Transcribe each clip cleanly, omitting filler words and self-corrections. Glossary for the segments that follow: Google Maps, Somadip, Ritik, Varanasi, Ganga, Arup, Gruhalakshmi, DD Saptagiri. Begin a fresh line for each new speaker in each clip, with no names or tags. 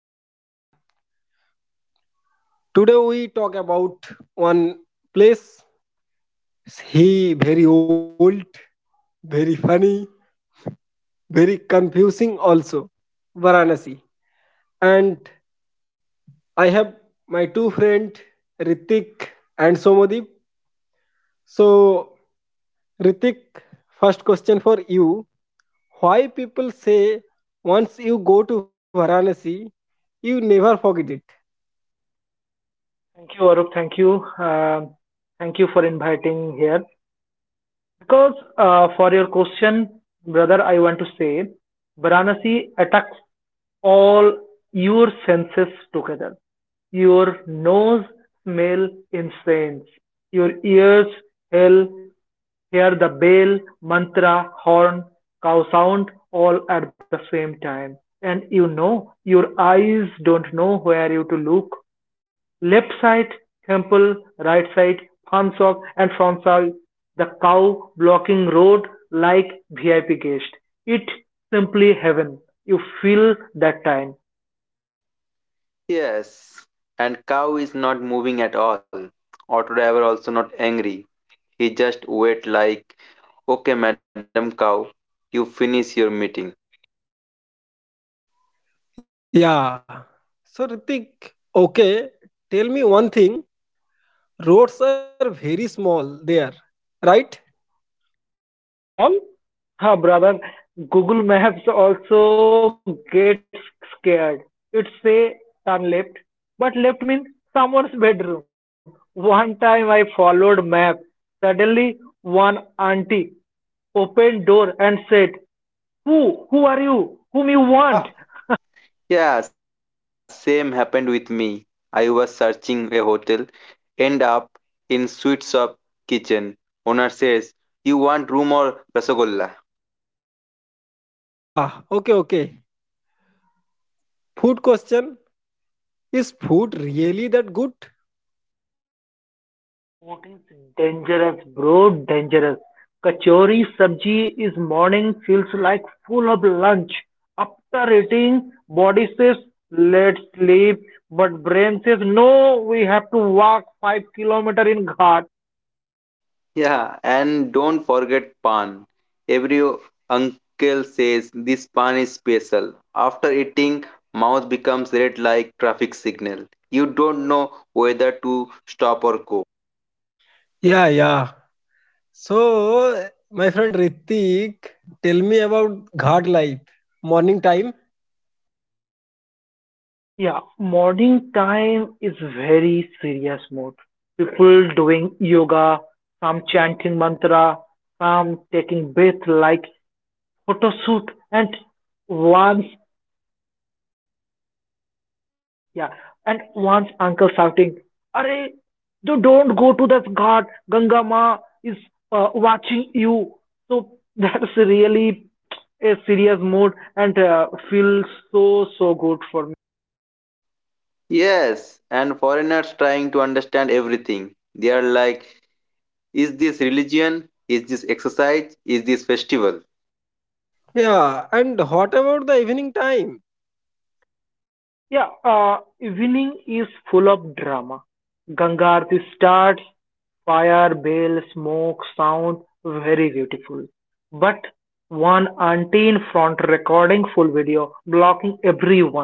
Hello everyone. Today we talk about one place he very old, very funny, very confusing also, Varanasi. And I have my two friend Ritik and Somadip. So Ritik, first question for you. Why people say once you go to Varanasi, you never forget it?
Thank you, Arup. Thank you. Um Thank you for inviting here. Because for your question, brother, I want to say Varanasi attacks all your senses together. Your nose smell incense, your ears smell Hear the bell, mantra, horn, cow sound all at the same time, and your eyes don't know where you to look. Left side, temple, right side, farm shop, and from side, the cow blocking road like VIP guest. It's simply heaven. You feel that time.
Yes, and cow is not moving at all. Auto driver also not angry. He just wait like, okay, madam cow, you finish your meeting.
Yeah. So Ritik, okay, tell me one thing. Roads are very small there, right?
Small? Huh, brother. Google Maps also gets scared. It say turn left, but left means someone's bedroom. One time I followed map. Suddenly one auntie opened door and said, "Who? Who are you? Whom you want?"
Yeah, same happened with me. I was searching a hotel, end up in sweet shop kitchen. Owner says, you want room or rasagolla?
Yeah, okay, okay. Food question. Is food really that good?
Food's dangerous, bro, dangerous. Kachori sabji is morning feels like full of lunch. After eating, body says let's sleep, but brain says no, we have to walk 5 kilometer in ghat.
Yeah, and don't forget pan. Every uncle says this pan is special. After eating, mouth becomes red like traffic signal. You don't know whether to stop or go.
Yeah, yeah. So, my friend Ritik, tell me about ghat life, morning time.
Yeah, morning time is very serious mode. People doing yoga, some chanting mantra, some taking bath like photo and once Yeah. And once uncle shouting, Arey, you don't go to that ghat. Ganga Ma is watching you. So that's really a serious mood and feels so, so good for me.
Yes, and foreigners trying to understand everything. They are like, is this religion? Is this exercise? Is this festival?
Yeah, and what about the evening time?
Yeah, evening is full of drama. Ganga Aarti starts, fire, bell, smoke, sound, very beautiful. But one auntie in front full video, blocking everyone.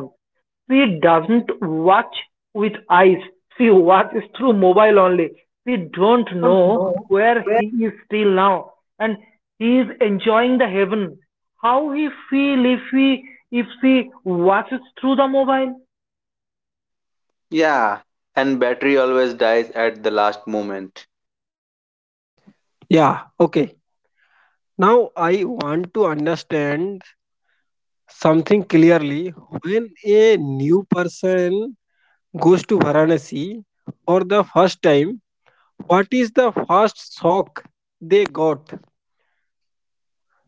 She doesn't watch with eyes, she watches through mobile only. We don't
Don't
know
know.
where he is still now, and he is enjoying the heaven. How he feel if she watches through the mobile?
Yeah, and battery always dies at the last moment.
Yeah, okay. Now I want to understand something clearly. When a new person goes to Varanasi for the first time, what is the first shock they got?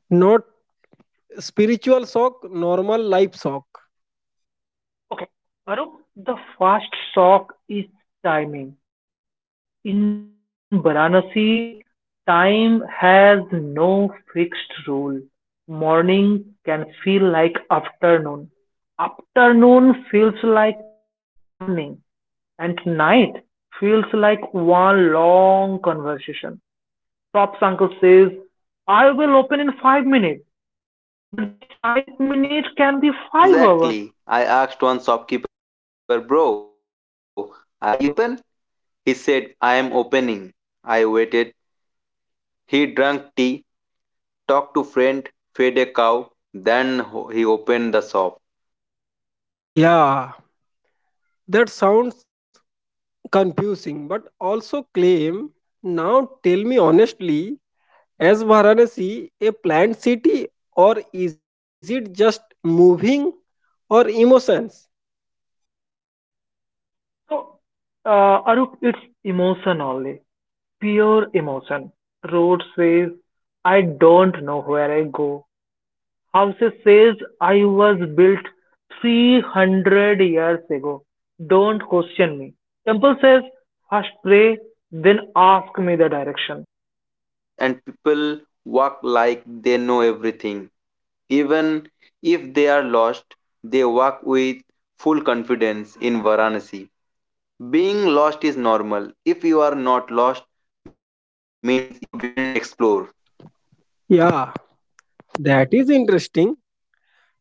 Not spiritual shock, normal life shock.
Okay, Arup, the first shock is timing. In Varanasi, time has no fixed rule. Morning can feel like afternoon. Afternoon feels like evening, and night feels like one long conversation. Tops uncle says, I will open in 5 minutes, but that 5 minutes can be 5 hours.
Yeah, exactly. I asked one shopkeeper, bro, are you open? He said, I am opening. I waited. He drank tea, talked to friend, fed a cow, then he opened the shop.
Yeah, that sounds confusing, but also claim. Now tell me honestly, is Varanasi a planned city or is it just moving or emotions?
So, Arup, it's emotion only, pure emotion. Road says, I don't know where I Houses says I was built 300 years ago. Don't question me. Temple first pray, then ask me the direction.
Yes, and people walk like they know everything. Even if they are lost, they walk with full confidence in Varanasi. Being lost is normal. If you are not lost, means you didn't explore.
Yeah, that is interesting.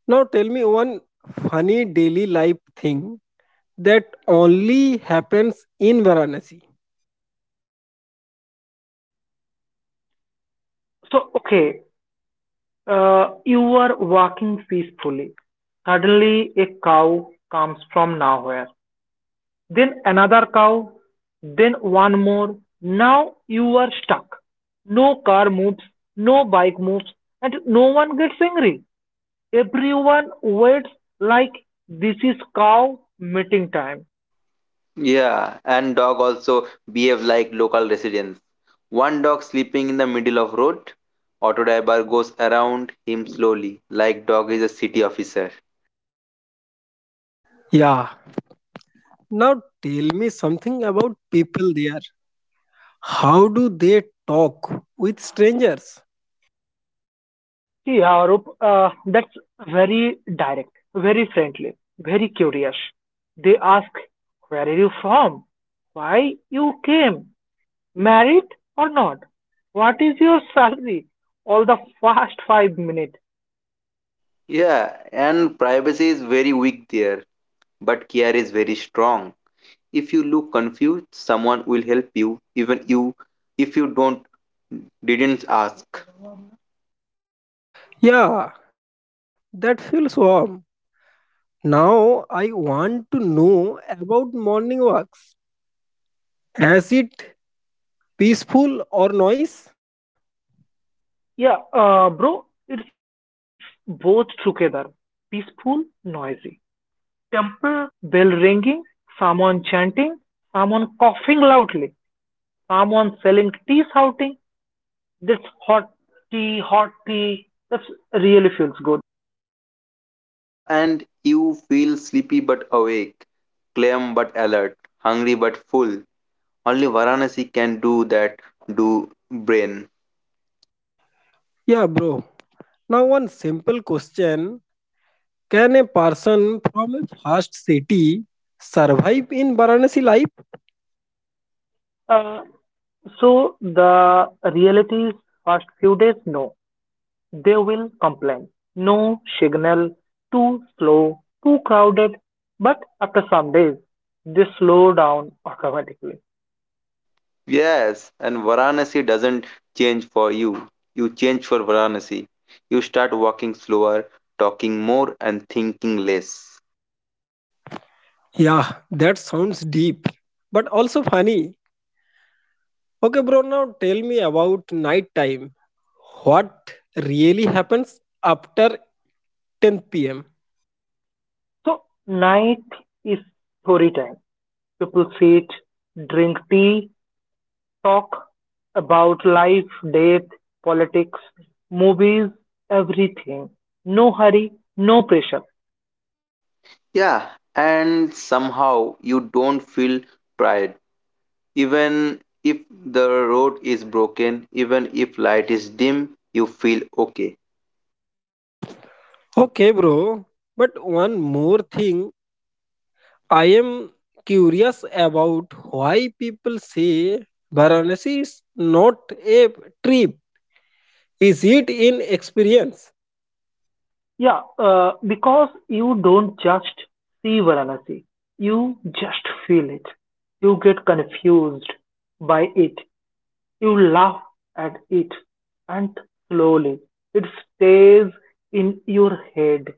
Now tell me one funny daily life thing that only happens in Varanasi.
So, okay, you are walking peacefully. Suddenly, a cow comes from nowhere. Then another cow. Then one more. Now you are stuck. No car moves, no bike moves, and no one gets angry. Everyone waits like this is cow meeting time.
Yeah, and dog also behave like local residents. One dog sleeping in the middle of road, auto driver goes around him slowly, like dog is a city officer.
Yeah. Now tell me something about people there. How do they talk with strangers?
See, Arup, that's very direct, very friendly, very curious. They ask, where are you from? Why you came? Married or not? What is your salary? All the first 5 minutes.
Yeah, and privacy is very weak there, but care is very strong. If you look confused, someone help you, even you if you don't didn't ask.
Yeah, that feels warm. Now I want to know about morning walks. Is it peaceful or noise?
Yeah, bro, it's both together. Peaceful, noisy. Temple bell ringing, someone chanting, someone coughing loudly, someone selling tea shouting, this hot hot tea, that really feels good.
Yeah, and you feel sleepy but awake, calm but alert, hungry but full. Only Varanasi can do that, do brain.
Yeah, bro. Now one simple question. Can a person from a fast city survive in Varanasi life?
Uh, so the realities first few days, no, they will complain. No signal, too slow, too crowded. But after some days, they slow down automatically.
Yes, and Varanasi doesn't change for you. You change for Varanasi. You start walking slower, talking more, and thinking less.
Yeah, that sounds deep, but also funny. Okay, bro, now tell me about night time. What really happens after 10 p.m.?
So night is story time. People sit, drink tea, talk about life, death, politics, movies, everything. No hurry, no pressure.
Yeah, and somehow you don't feel pride. Even if the road is broken, even if light is dim, you feel okay.
Okay, bro, but one more thing, I am curious about why people say Varanasi is not a trip. Is it an experience?
Yeah, because you don't just see Varanasi, you just feel it. You get confused by it, you laugh at it, and slowly it stays in your head.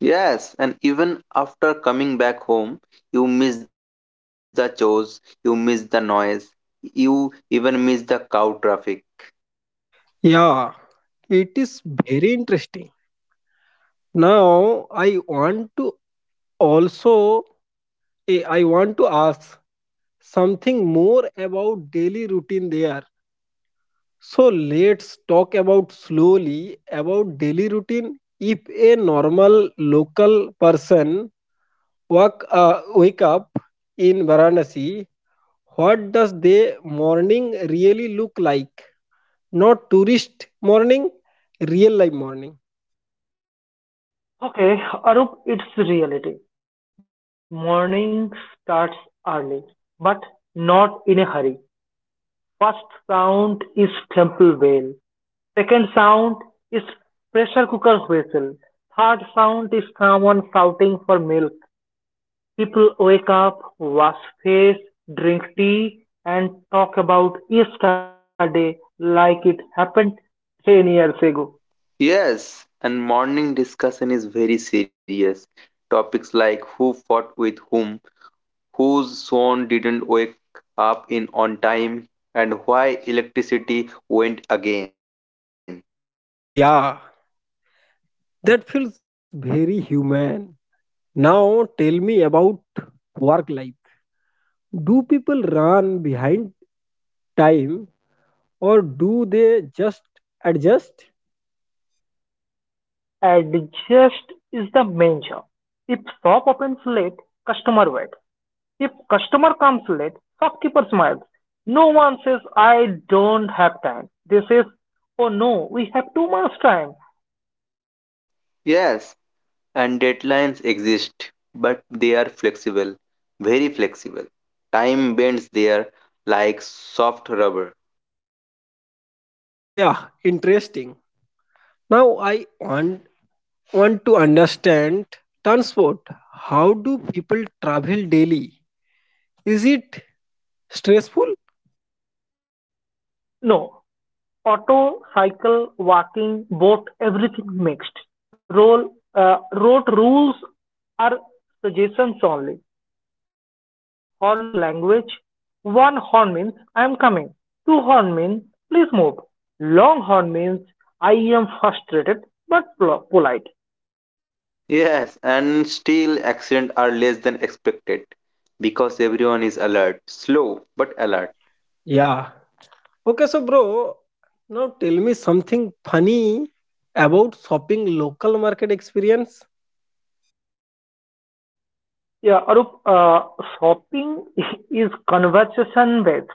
Yes, and even after coming back home, you miss the chores, you miss the noise, you even miss the cow traffic.
Yeah, it is very interesting. Now I want to also ask something more about daily routine there. So let's talk about slowly about daily routine. If a normal local person wake up in Varanasi, what does the morning really look like? Not tourist morning, real life morning.
Okay, Arup, it's reality. Morning starts early, but not in a hurry. First sound is temple bell. Second sound is pressure cooker whistle. Third sound is someone shouting for milk. People wake up, wash face, drink tea, and talk about yesterday like it happened 10 years ago.
Yes, and morning discussion is very serious. Topics like who fought with whom, whose son didn't wake up in on time, and why electricity went again.
Yeah, that feels very human. Now tell me about work life. Do people run behind time or do they just adjust?
Adjust is the main job. If shop opens late, customer waits. If customer comes late, shopkeeper smiles. No one says, I don't have time. They says, oh no, we have too much time.
Yes, and deadlines exist, but they are flexible, very flexible. Time bends there like soft rubber.
Yeah, interesting. Now I want to understand transport. How do people travel daily? Is it stressful?
No, auto, cycle, walking, boat, everything mixed. Road rules are suggestions only. Horn is language. One horn means I am coming. Two horn means please move. Long horn means I am frustrated but polite.
Yes, and still accidents are less than expected because everyone is alert, slow but alert.
Yeah. Okay, so bro, now tell me something funny about shopping local market experience.
Yeah, Arup, shopping is conversation based.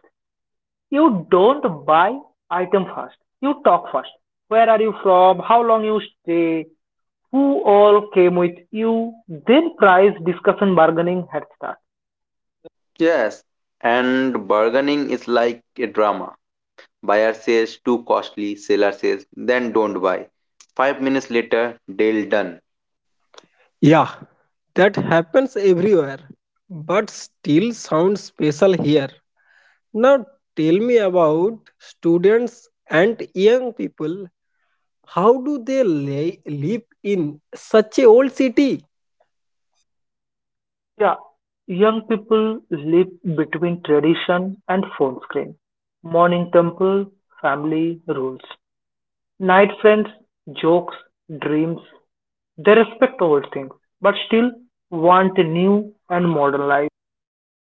You don't buy item first. You talk first. Where are you from? How long you stay? Who all came with you? Then price discussion bargaining had start.
Yes, and bargaining is like a drama. Buyer says too costly, seller says then don't buy. 5 minutes later, deal done.
Yeah, that happens everywhere, but still sounds special here. Now tell me about students and young people. How do they live in such a old city?
Yeah, young people live between tradition and phone screen. Morning temple, family rules. Night friends, jokes, dreams, they respect old things, but still want a new and modern life.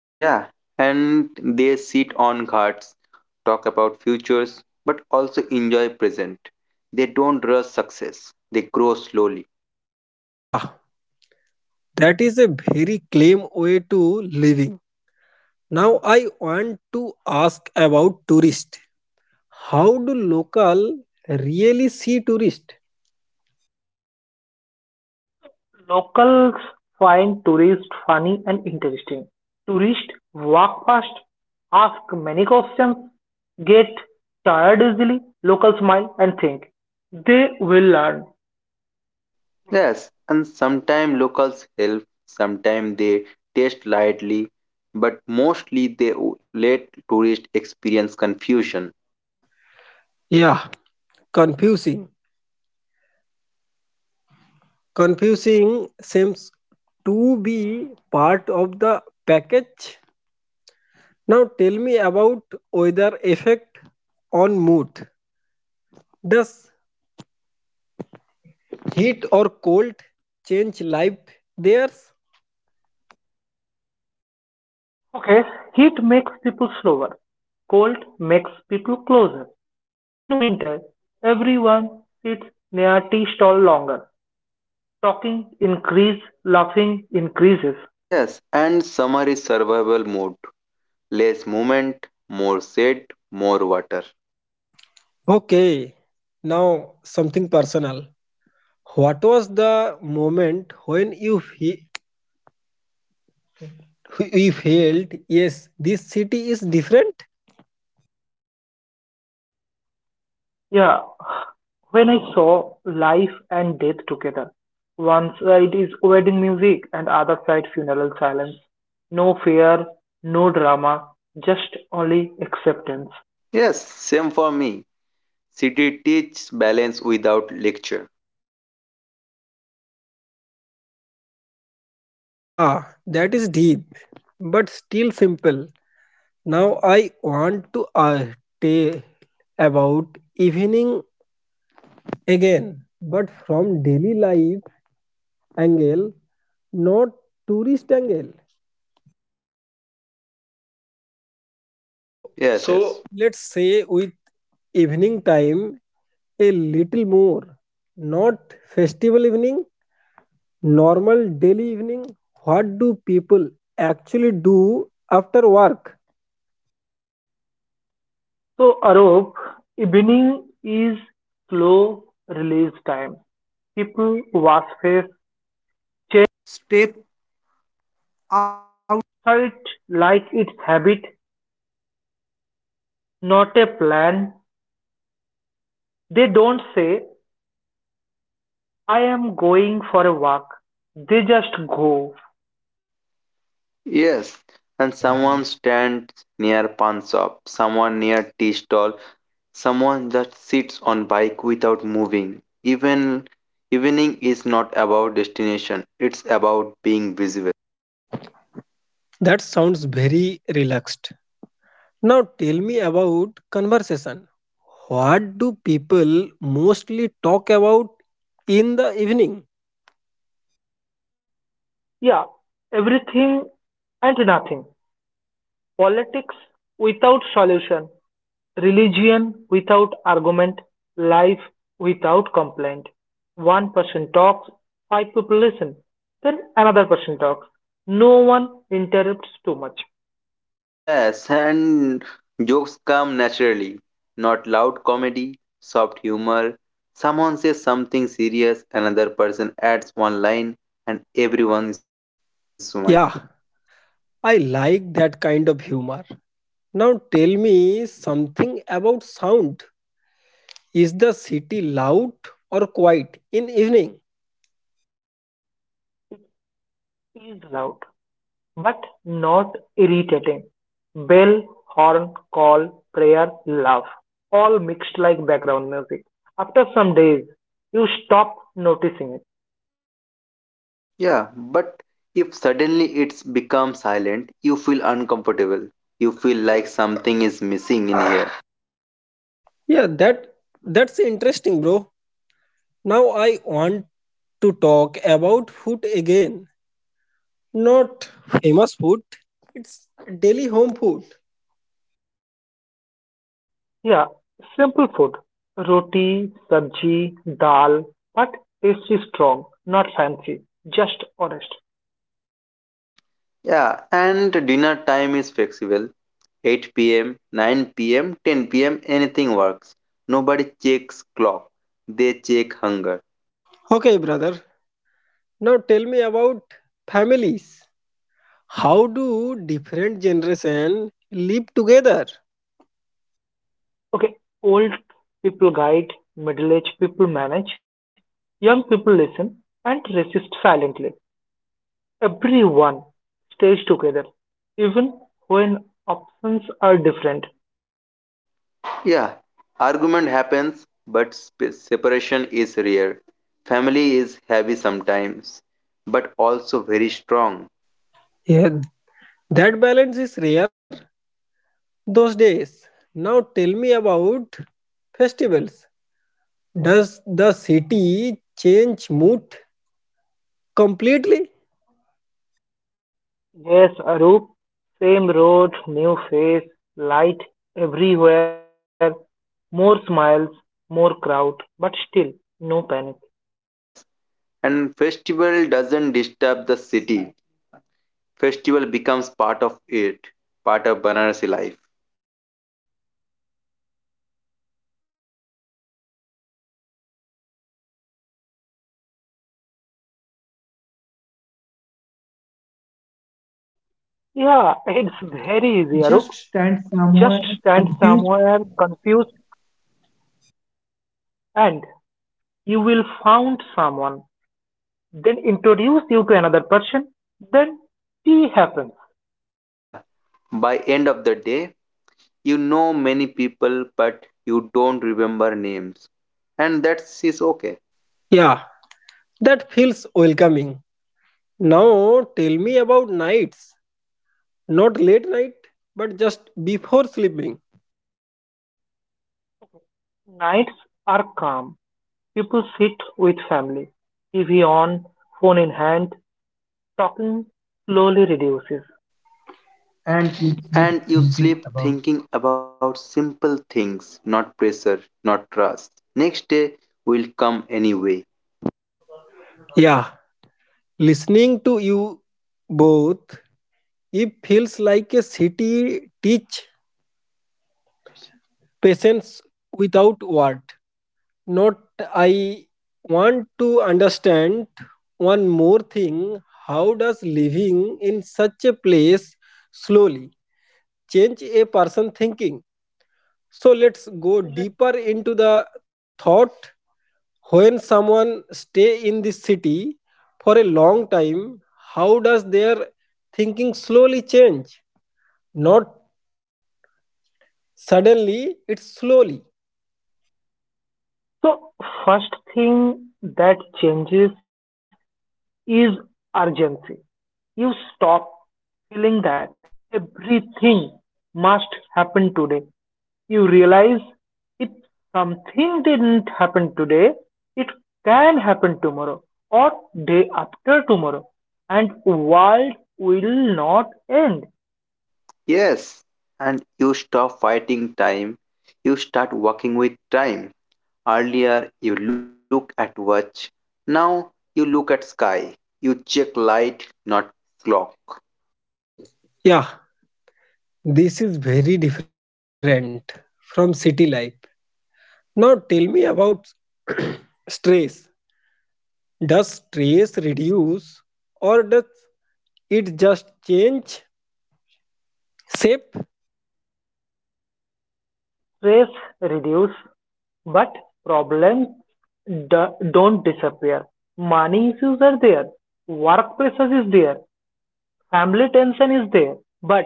Yeah, and they sit on ghats, talk about futures, but also enjoy present. They don't rush success. They grow slowly.
Yeah, that is a very claim way to living. Now I want to ask about tourist. How do local really see tourist?
Locals find tourists funny and interesting. Tourists walk past, ask many questions, get tired easily. Locals smile and think they will learn.
Yes, and sometimes locals help, sometimes they taste lightly, but mostly they let tourists experience confusion.
Yeah, confusing. Confusing seems to be part of the package. Now tell me about weather effect on mood. Does heat or cold change life theirs?
Okay, heat makes people slower, cold makes people closer. In winter, everyone sits near tea stall longer. Talking increases, laughing increases.
Yes, and summer is survival mode. Less movement, more shade, more water.
Okay. Now something personal. What was the moment when you you felt yes this city is different?
Yeah, when I saw life and death together, one side is wedding music and other side funeral silence. No fear, no drama, just only acceptance.
Yes, same for me. City teaches balance without lecture.
Yeah, that is deep, but still simple. Now I want to tell about evening again, but from daily life angle, not tourist angle. Yes. So
Yes, yes, so
let's say with evening time a little more, not festival evening, normal daily evening. What do people actually do after work?
So Arup, evening is slow release time. People wash face, I am going for a walk. They just go.
yes. And someone stands near pawn shop, someone near tea stall, someone just sits on bike without moving. Even evening is not about destination; it's about being visible.
That sounds very relaxed. Now tell me about conversation. What do people mostly talk about in the evening?
Yeah, everything and nothing. Politics without solution. Religion without argument. Life without complaint. One person talks, five people listen. Then another person talks. No one interrupts too much.
Yes, and jokes come naturally, not loud comedy, soft humor. Someone says something serious, another person adds one line, and everyone is smiling.
Yeah, I like that kind of humor. Now tell me something about sound. Is the city loud or quiet in evening?
Is loud, but not irritating. Bell, horn, call, prayer, love, all mixed like background music. After some days, you stop noticing it.
Yeah, but if suddenly it's become silent, you feel uncomfortable. You feel like something is missing in here.
Yeah, that's interesting, bro. Now I want to talk about food again. Not famous food. It's daily home food.
Yeah, simple food. Roti, sabji, dal, but taste is strong, not fancy, just honest.
Yeah, and dinner time is flexible. 8 p.m., 9 p.m., 10 p.m., anything works. Nobody checks clock. They check hunger.
Okay, brother. Now tell me about families. How do different generation live together?
Okay, old people guide, middle aged people manage, young people listen and resist silently. Everyone stays together, even when options are different.
Yeah, argument happens, but separation is rare. Family is heavy sometimes, but also very strong.
Yeah, that balance is rare those days. Now tell me about festivals. Does the city change mood completely?
Yes, Arup, same road, new face, light everywhere, more smiles, more crowd, but still no panic.
Yes, and festival doesn't disturb the city. Festival becomes part of it, part of Banarasi life.
Yeah, it's very easy,
Just
Arup.
stand somewhere
Just stand
confused.
somewhere confused and you will find someone. Then introduce you to another person. Then tea happens.
Yeah, by end of the day, you know many people, but you don't remember names, and that is okay.
Yeah, that feels welcoming. Now tell me about nights. Not late night, but just before sleeping.
Nights are calm. People sit with family, TV on, phone in hand, talking slowly reduces.
And in sleep
And you
thinking
sleep
about.
thinking about simple things, not pressure, not trust. Next day will come anyway.
Yeah, listening to you both, it feels like a city teach patience without word. Not I want to understand one more thing. How does living in such a place slowly change a person thinking? So let's go deeper into the thought. When someone stay in this city for a long time, how does their thinking slowly change? Not suddenly, it's slowly.
So, first thing that changes is urgency. You stop feeling that everything must happen today. You realize if something didn't happen today, it can happen tomorrow or day after tomorrow, and world will not end.
Yes, and you stop fighting time. You start walking with time. Earlier you look at watch, now you look at sky. You check light, not clock.
Yeah, this is very different from city life. Now tell me about stress. Does stress reduce or does it just change shape?
Set Stress reduces, but problems don't disappear. Money issues are there, work pressure is there, family tension is there, but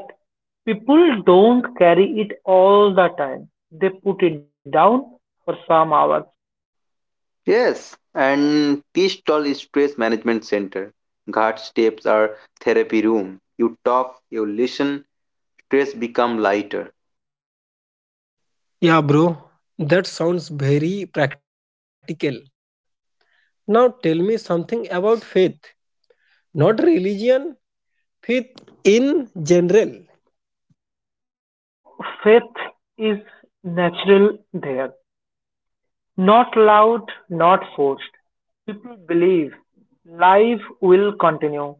people don't carry it all the time. They put it down for some hours.
Yes, and T-stall is stress management center. Ghat steps are therapy room. You talk, you listen, stress become lighter.
Yeah, bro, that sounds very practical. Now tell me something about faith, not religion, faith in general.
So faith is natural there. Not loud, not forced. People believe life will continue,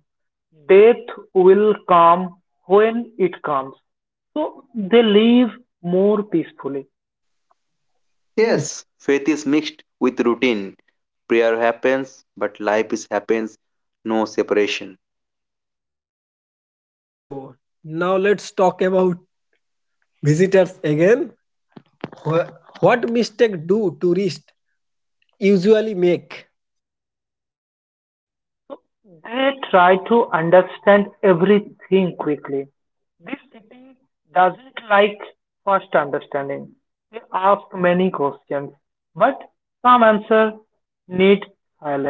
death will come when it comes. So they live more peacefully.
Yes.
Yes, faith is mixed with routine. Prayer happens, but life is happens, no separation.
Okay, bro, now let's talk about visitors again. Wha- What mistake do tourists usually make?
So they try to understand everything quickly. This city doesn't like fast understanding. They ask many questions, but some answers need silence.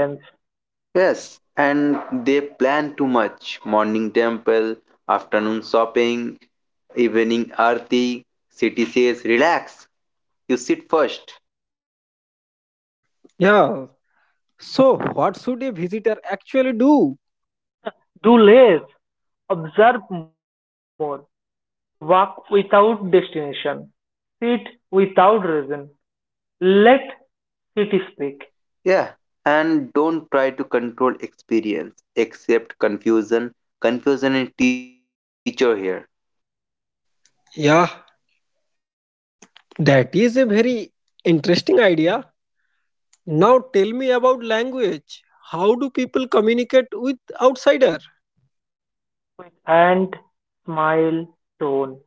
Yes, and they plan too much. Morning temple, afternoon shopping, evening arti. City says relax. You sit first.
Yeah. So, what should a visitor actually do?
Do less, observe more, walk without destination, sit without reason, let city speak,
Yeah. And don't try to control experience, except confusion. Confusion is teacher here.
Yeah, that is a very interesting idea. Now, tell me about language. How do people communicate with outsider?
and smile tone.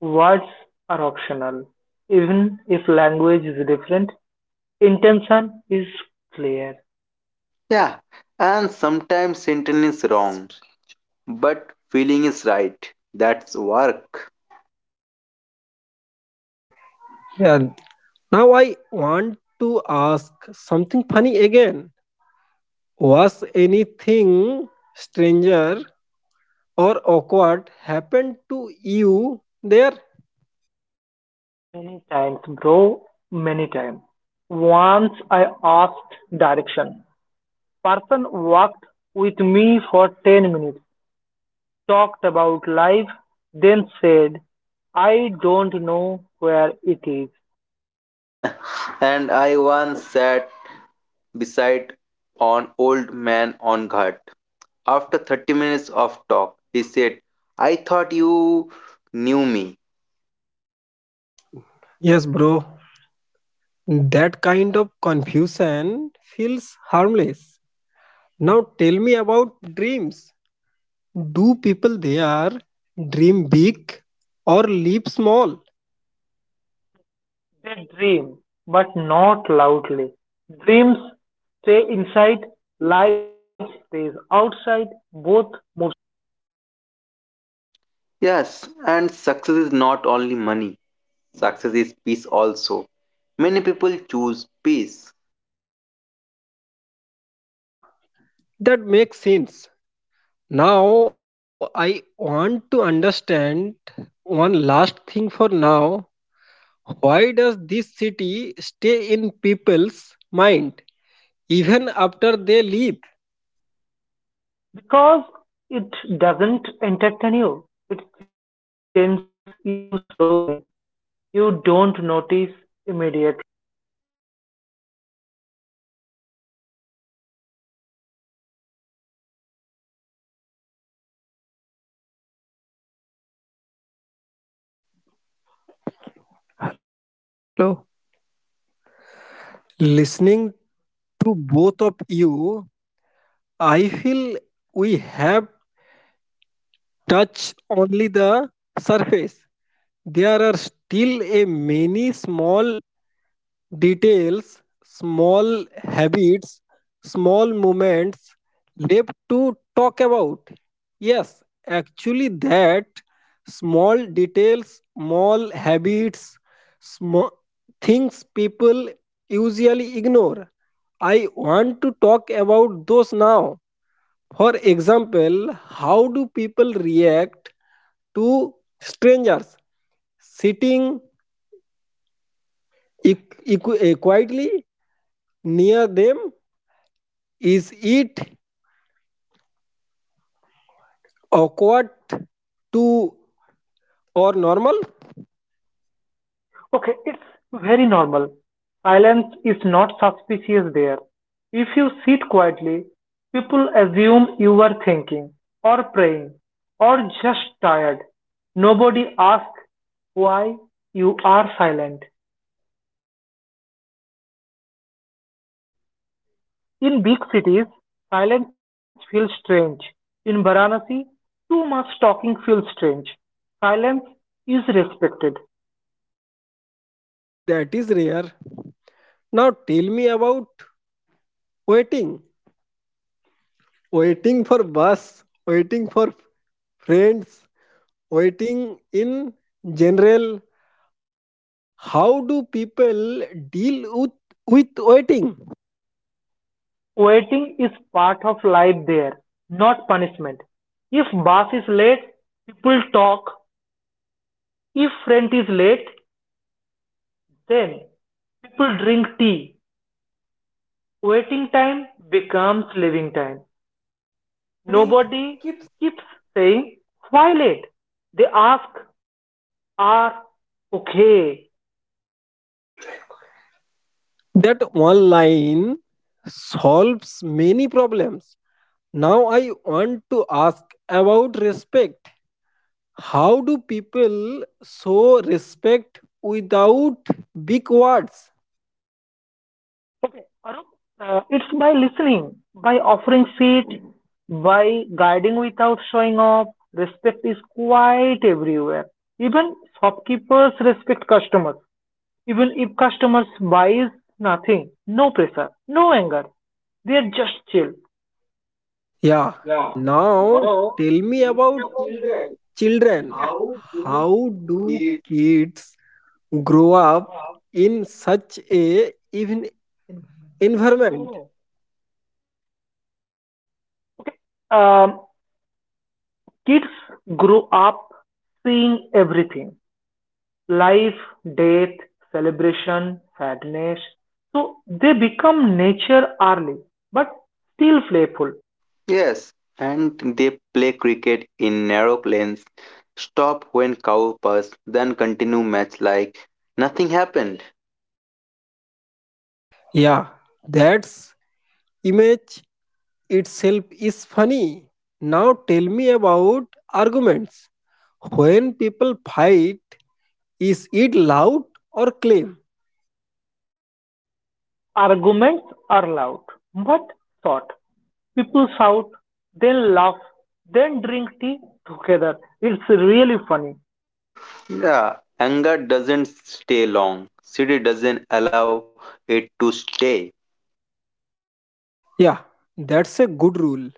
Words are optional. Even if language is different, intention is clear.
Yeah. And sometimes sentence is wrong, but feeling is right. That's work.
Yeah, now I want to ask something funny again. Was anything stranger or awkward happened to you there?
Many times, bro, many times. Once I asked direction. Person walked with me for 10 minutes. Talked about life, then said, I don't know where it is.
And I once sat beside an old man on ghat. After 30 minutes of talk, he said, I thought you knew me.
Yes, bro. That kind of confusion feels harmless. Now tell me about dreams. Do people there dream big or live small?
They dream, but not loudly. Dreams stay inside, life stays outside, both move.
Yes, and success is not only money, success is peace also. Many people choose peace.
Yeah, that makes sense. Now I want to understand one last thing for now. Why does this city stay in people's mind even after they leave?
Because it doesn't entertain you, it changes you slowly. You don't
Exactly.
notice immediately.
Yeah, later when you life becomes too fast, you remember slowly slow evenings, tea stalls, and quiet shows.
Hello. Listening to both of you, I feel we have touched only the surface. There are still a many small details, small habits, small moments left to talk about. Yes, actually, that small details, small habits, small things people usually ignore. I want to talk about those now. For example, how do people react to strangers sitting quietly near them. Is it awkward to or normal?
Okay, it's very normal. Silence is not suspicious there. If you sit quietly, people assume you are thinking, or praying, or just tired. Nobody asks why you are silent.
In big cities, silence feels strange. In
In
big
big
cities,
cities, silence feels strange. In Varanasi, too much talking feels strange. Silence is respected.
Yeah, that is rare. Now tell me about waiting. Waiting for bus, waiting for friends, waiting in general. How do people deal with waiting?
Waiting is part of life there, not punishment. If boss is late, people talk. If friend is late, then people drink tea. Waiting time becomes living time. Nobody keeps saying, why late? They ask, are okay.
That one line solves many problems. Now I want to ask about respect. How do people show respect without big words?
Okay, Arup, it's by listening, by offering seat, by guiding without showing off. Respect is quite everywhere. Even shopkeepers respect customers. Even if customers buys nothing, no pressure, no anger. They are just chill.
Yeah. Now tell me about children.
how
How
do
do
you.
kids grow up in such a even environment?
Okay. Um, Kids grow up seeing everything. Life, death, celebration, sadness. So they become nature early, but still playful.
Yes, and they play cricket in narrow lanes, stop when cow pass, continue match like nothing happened.
Yeah, that's image itself is funny. Now tell me about arguments. When people fight, is it loud or clean?
Arguments are loud, but short. People shout, then laugh, then drink tea together. It's really funny.
Yeah, anger doesn't stay long. City doesn't allow it to stay.
Yeah, that's a good rule.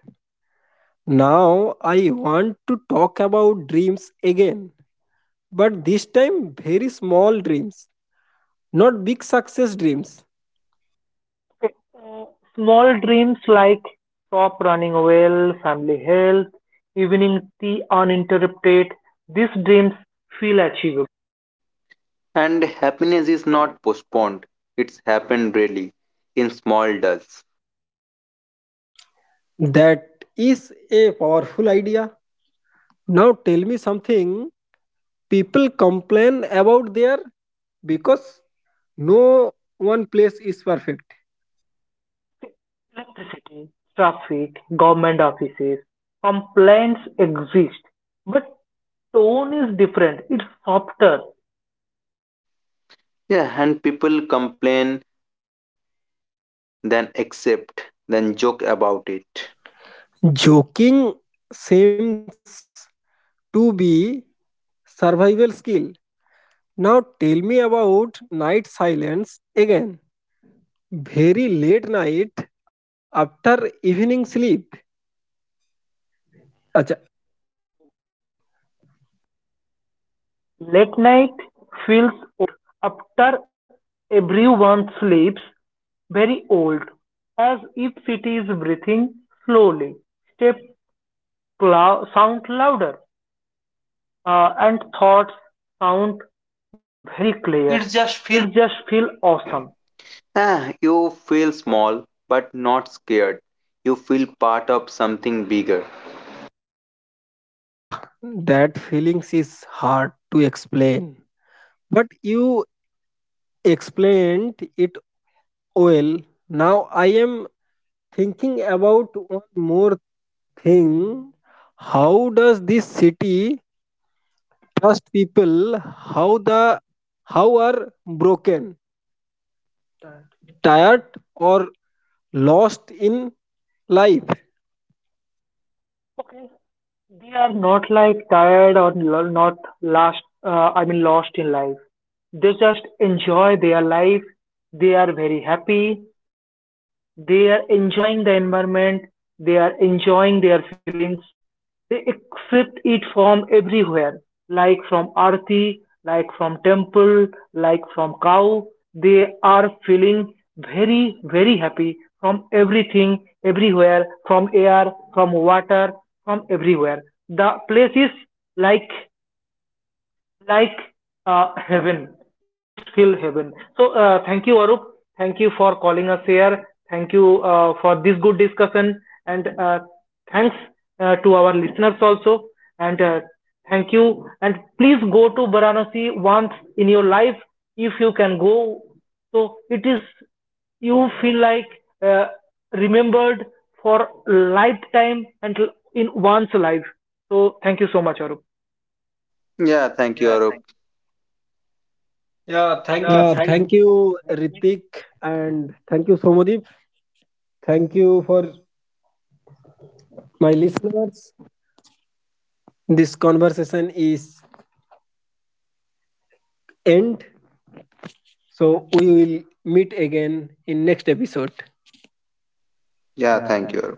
Now I want to talk about dreams again, but this time very small dreams, not big success dreams.
Okay, small dreams like shop running well, family health, evening tea uninterrupted. These dreams feel achievable.
And happiness is not postponed. It's happened really in small doses.
That is a powerful idea. Now tell me something people complain about there because no one place is perfect.
Electricity, traffic, government offices, complaints exist, but tone is different. It's softer.
Yeah, and people complain, then accept, then joke about it.
Joking seems to be survival skill. Now tell me about night silence again. Very late night after evening sleep. Acha,
Late night feels old. After everyone sleeps, very old, as if city is breathing slowly. Steps sound louder, and thoughts sound very clear.
It's just feel.
It just feels awesome.
Ah, you feel small but not scared. You feel part of something bigger.
yeah, that feelings is hard to explain. But you explained it well. Now I am thinking about one more thing. How does this city trust people? How the how are broken, tired or lost in life?
Okay. They are not like tired or not last, I mean, lost in life. They just enjoy their life. They are very happy. They are enjoying the environment. They are enjoying their feelings. They accept it from everywhere, like from Arti, like from temple, like from cow. They are feeling very, happy from everything, everywhere, from air, from water, from everywhere. The place is like like heaven. Is still heaven. So thank you, Arup. Thank you for calling us here. Thank you for this good discussion, and thanks to our listeners also, and thank you, and please go to Varanasi once in your life if you can go. So it is, you feel like uh, remembered for lifetime and in one's life. So thank you so much, Arup.
Yeah, thank you, Arup. Yeah, thank you.
Yeah, thank you, Ritik, and thank you, Somadip. Thank you for my listeners. This conversation is end. So we will meet again in next episode.
Yeah, thank you, Arup.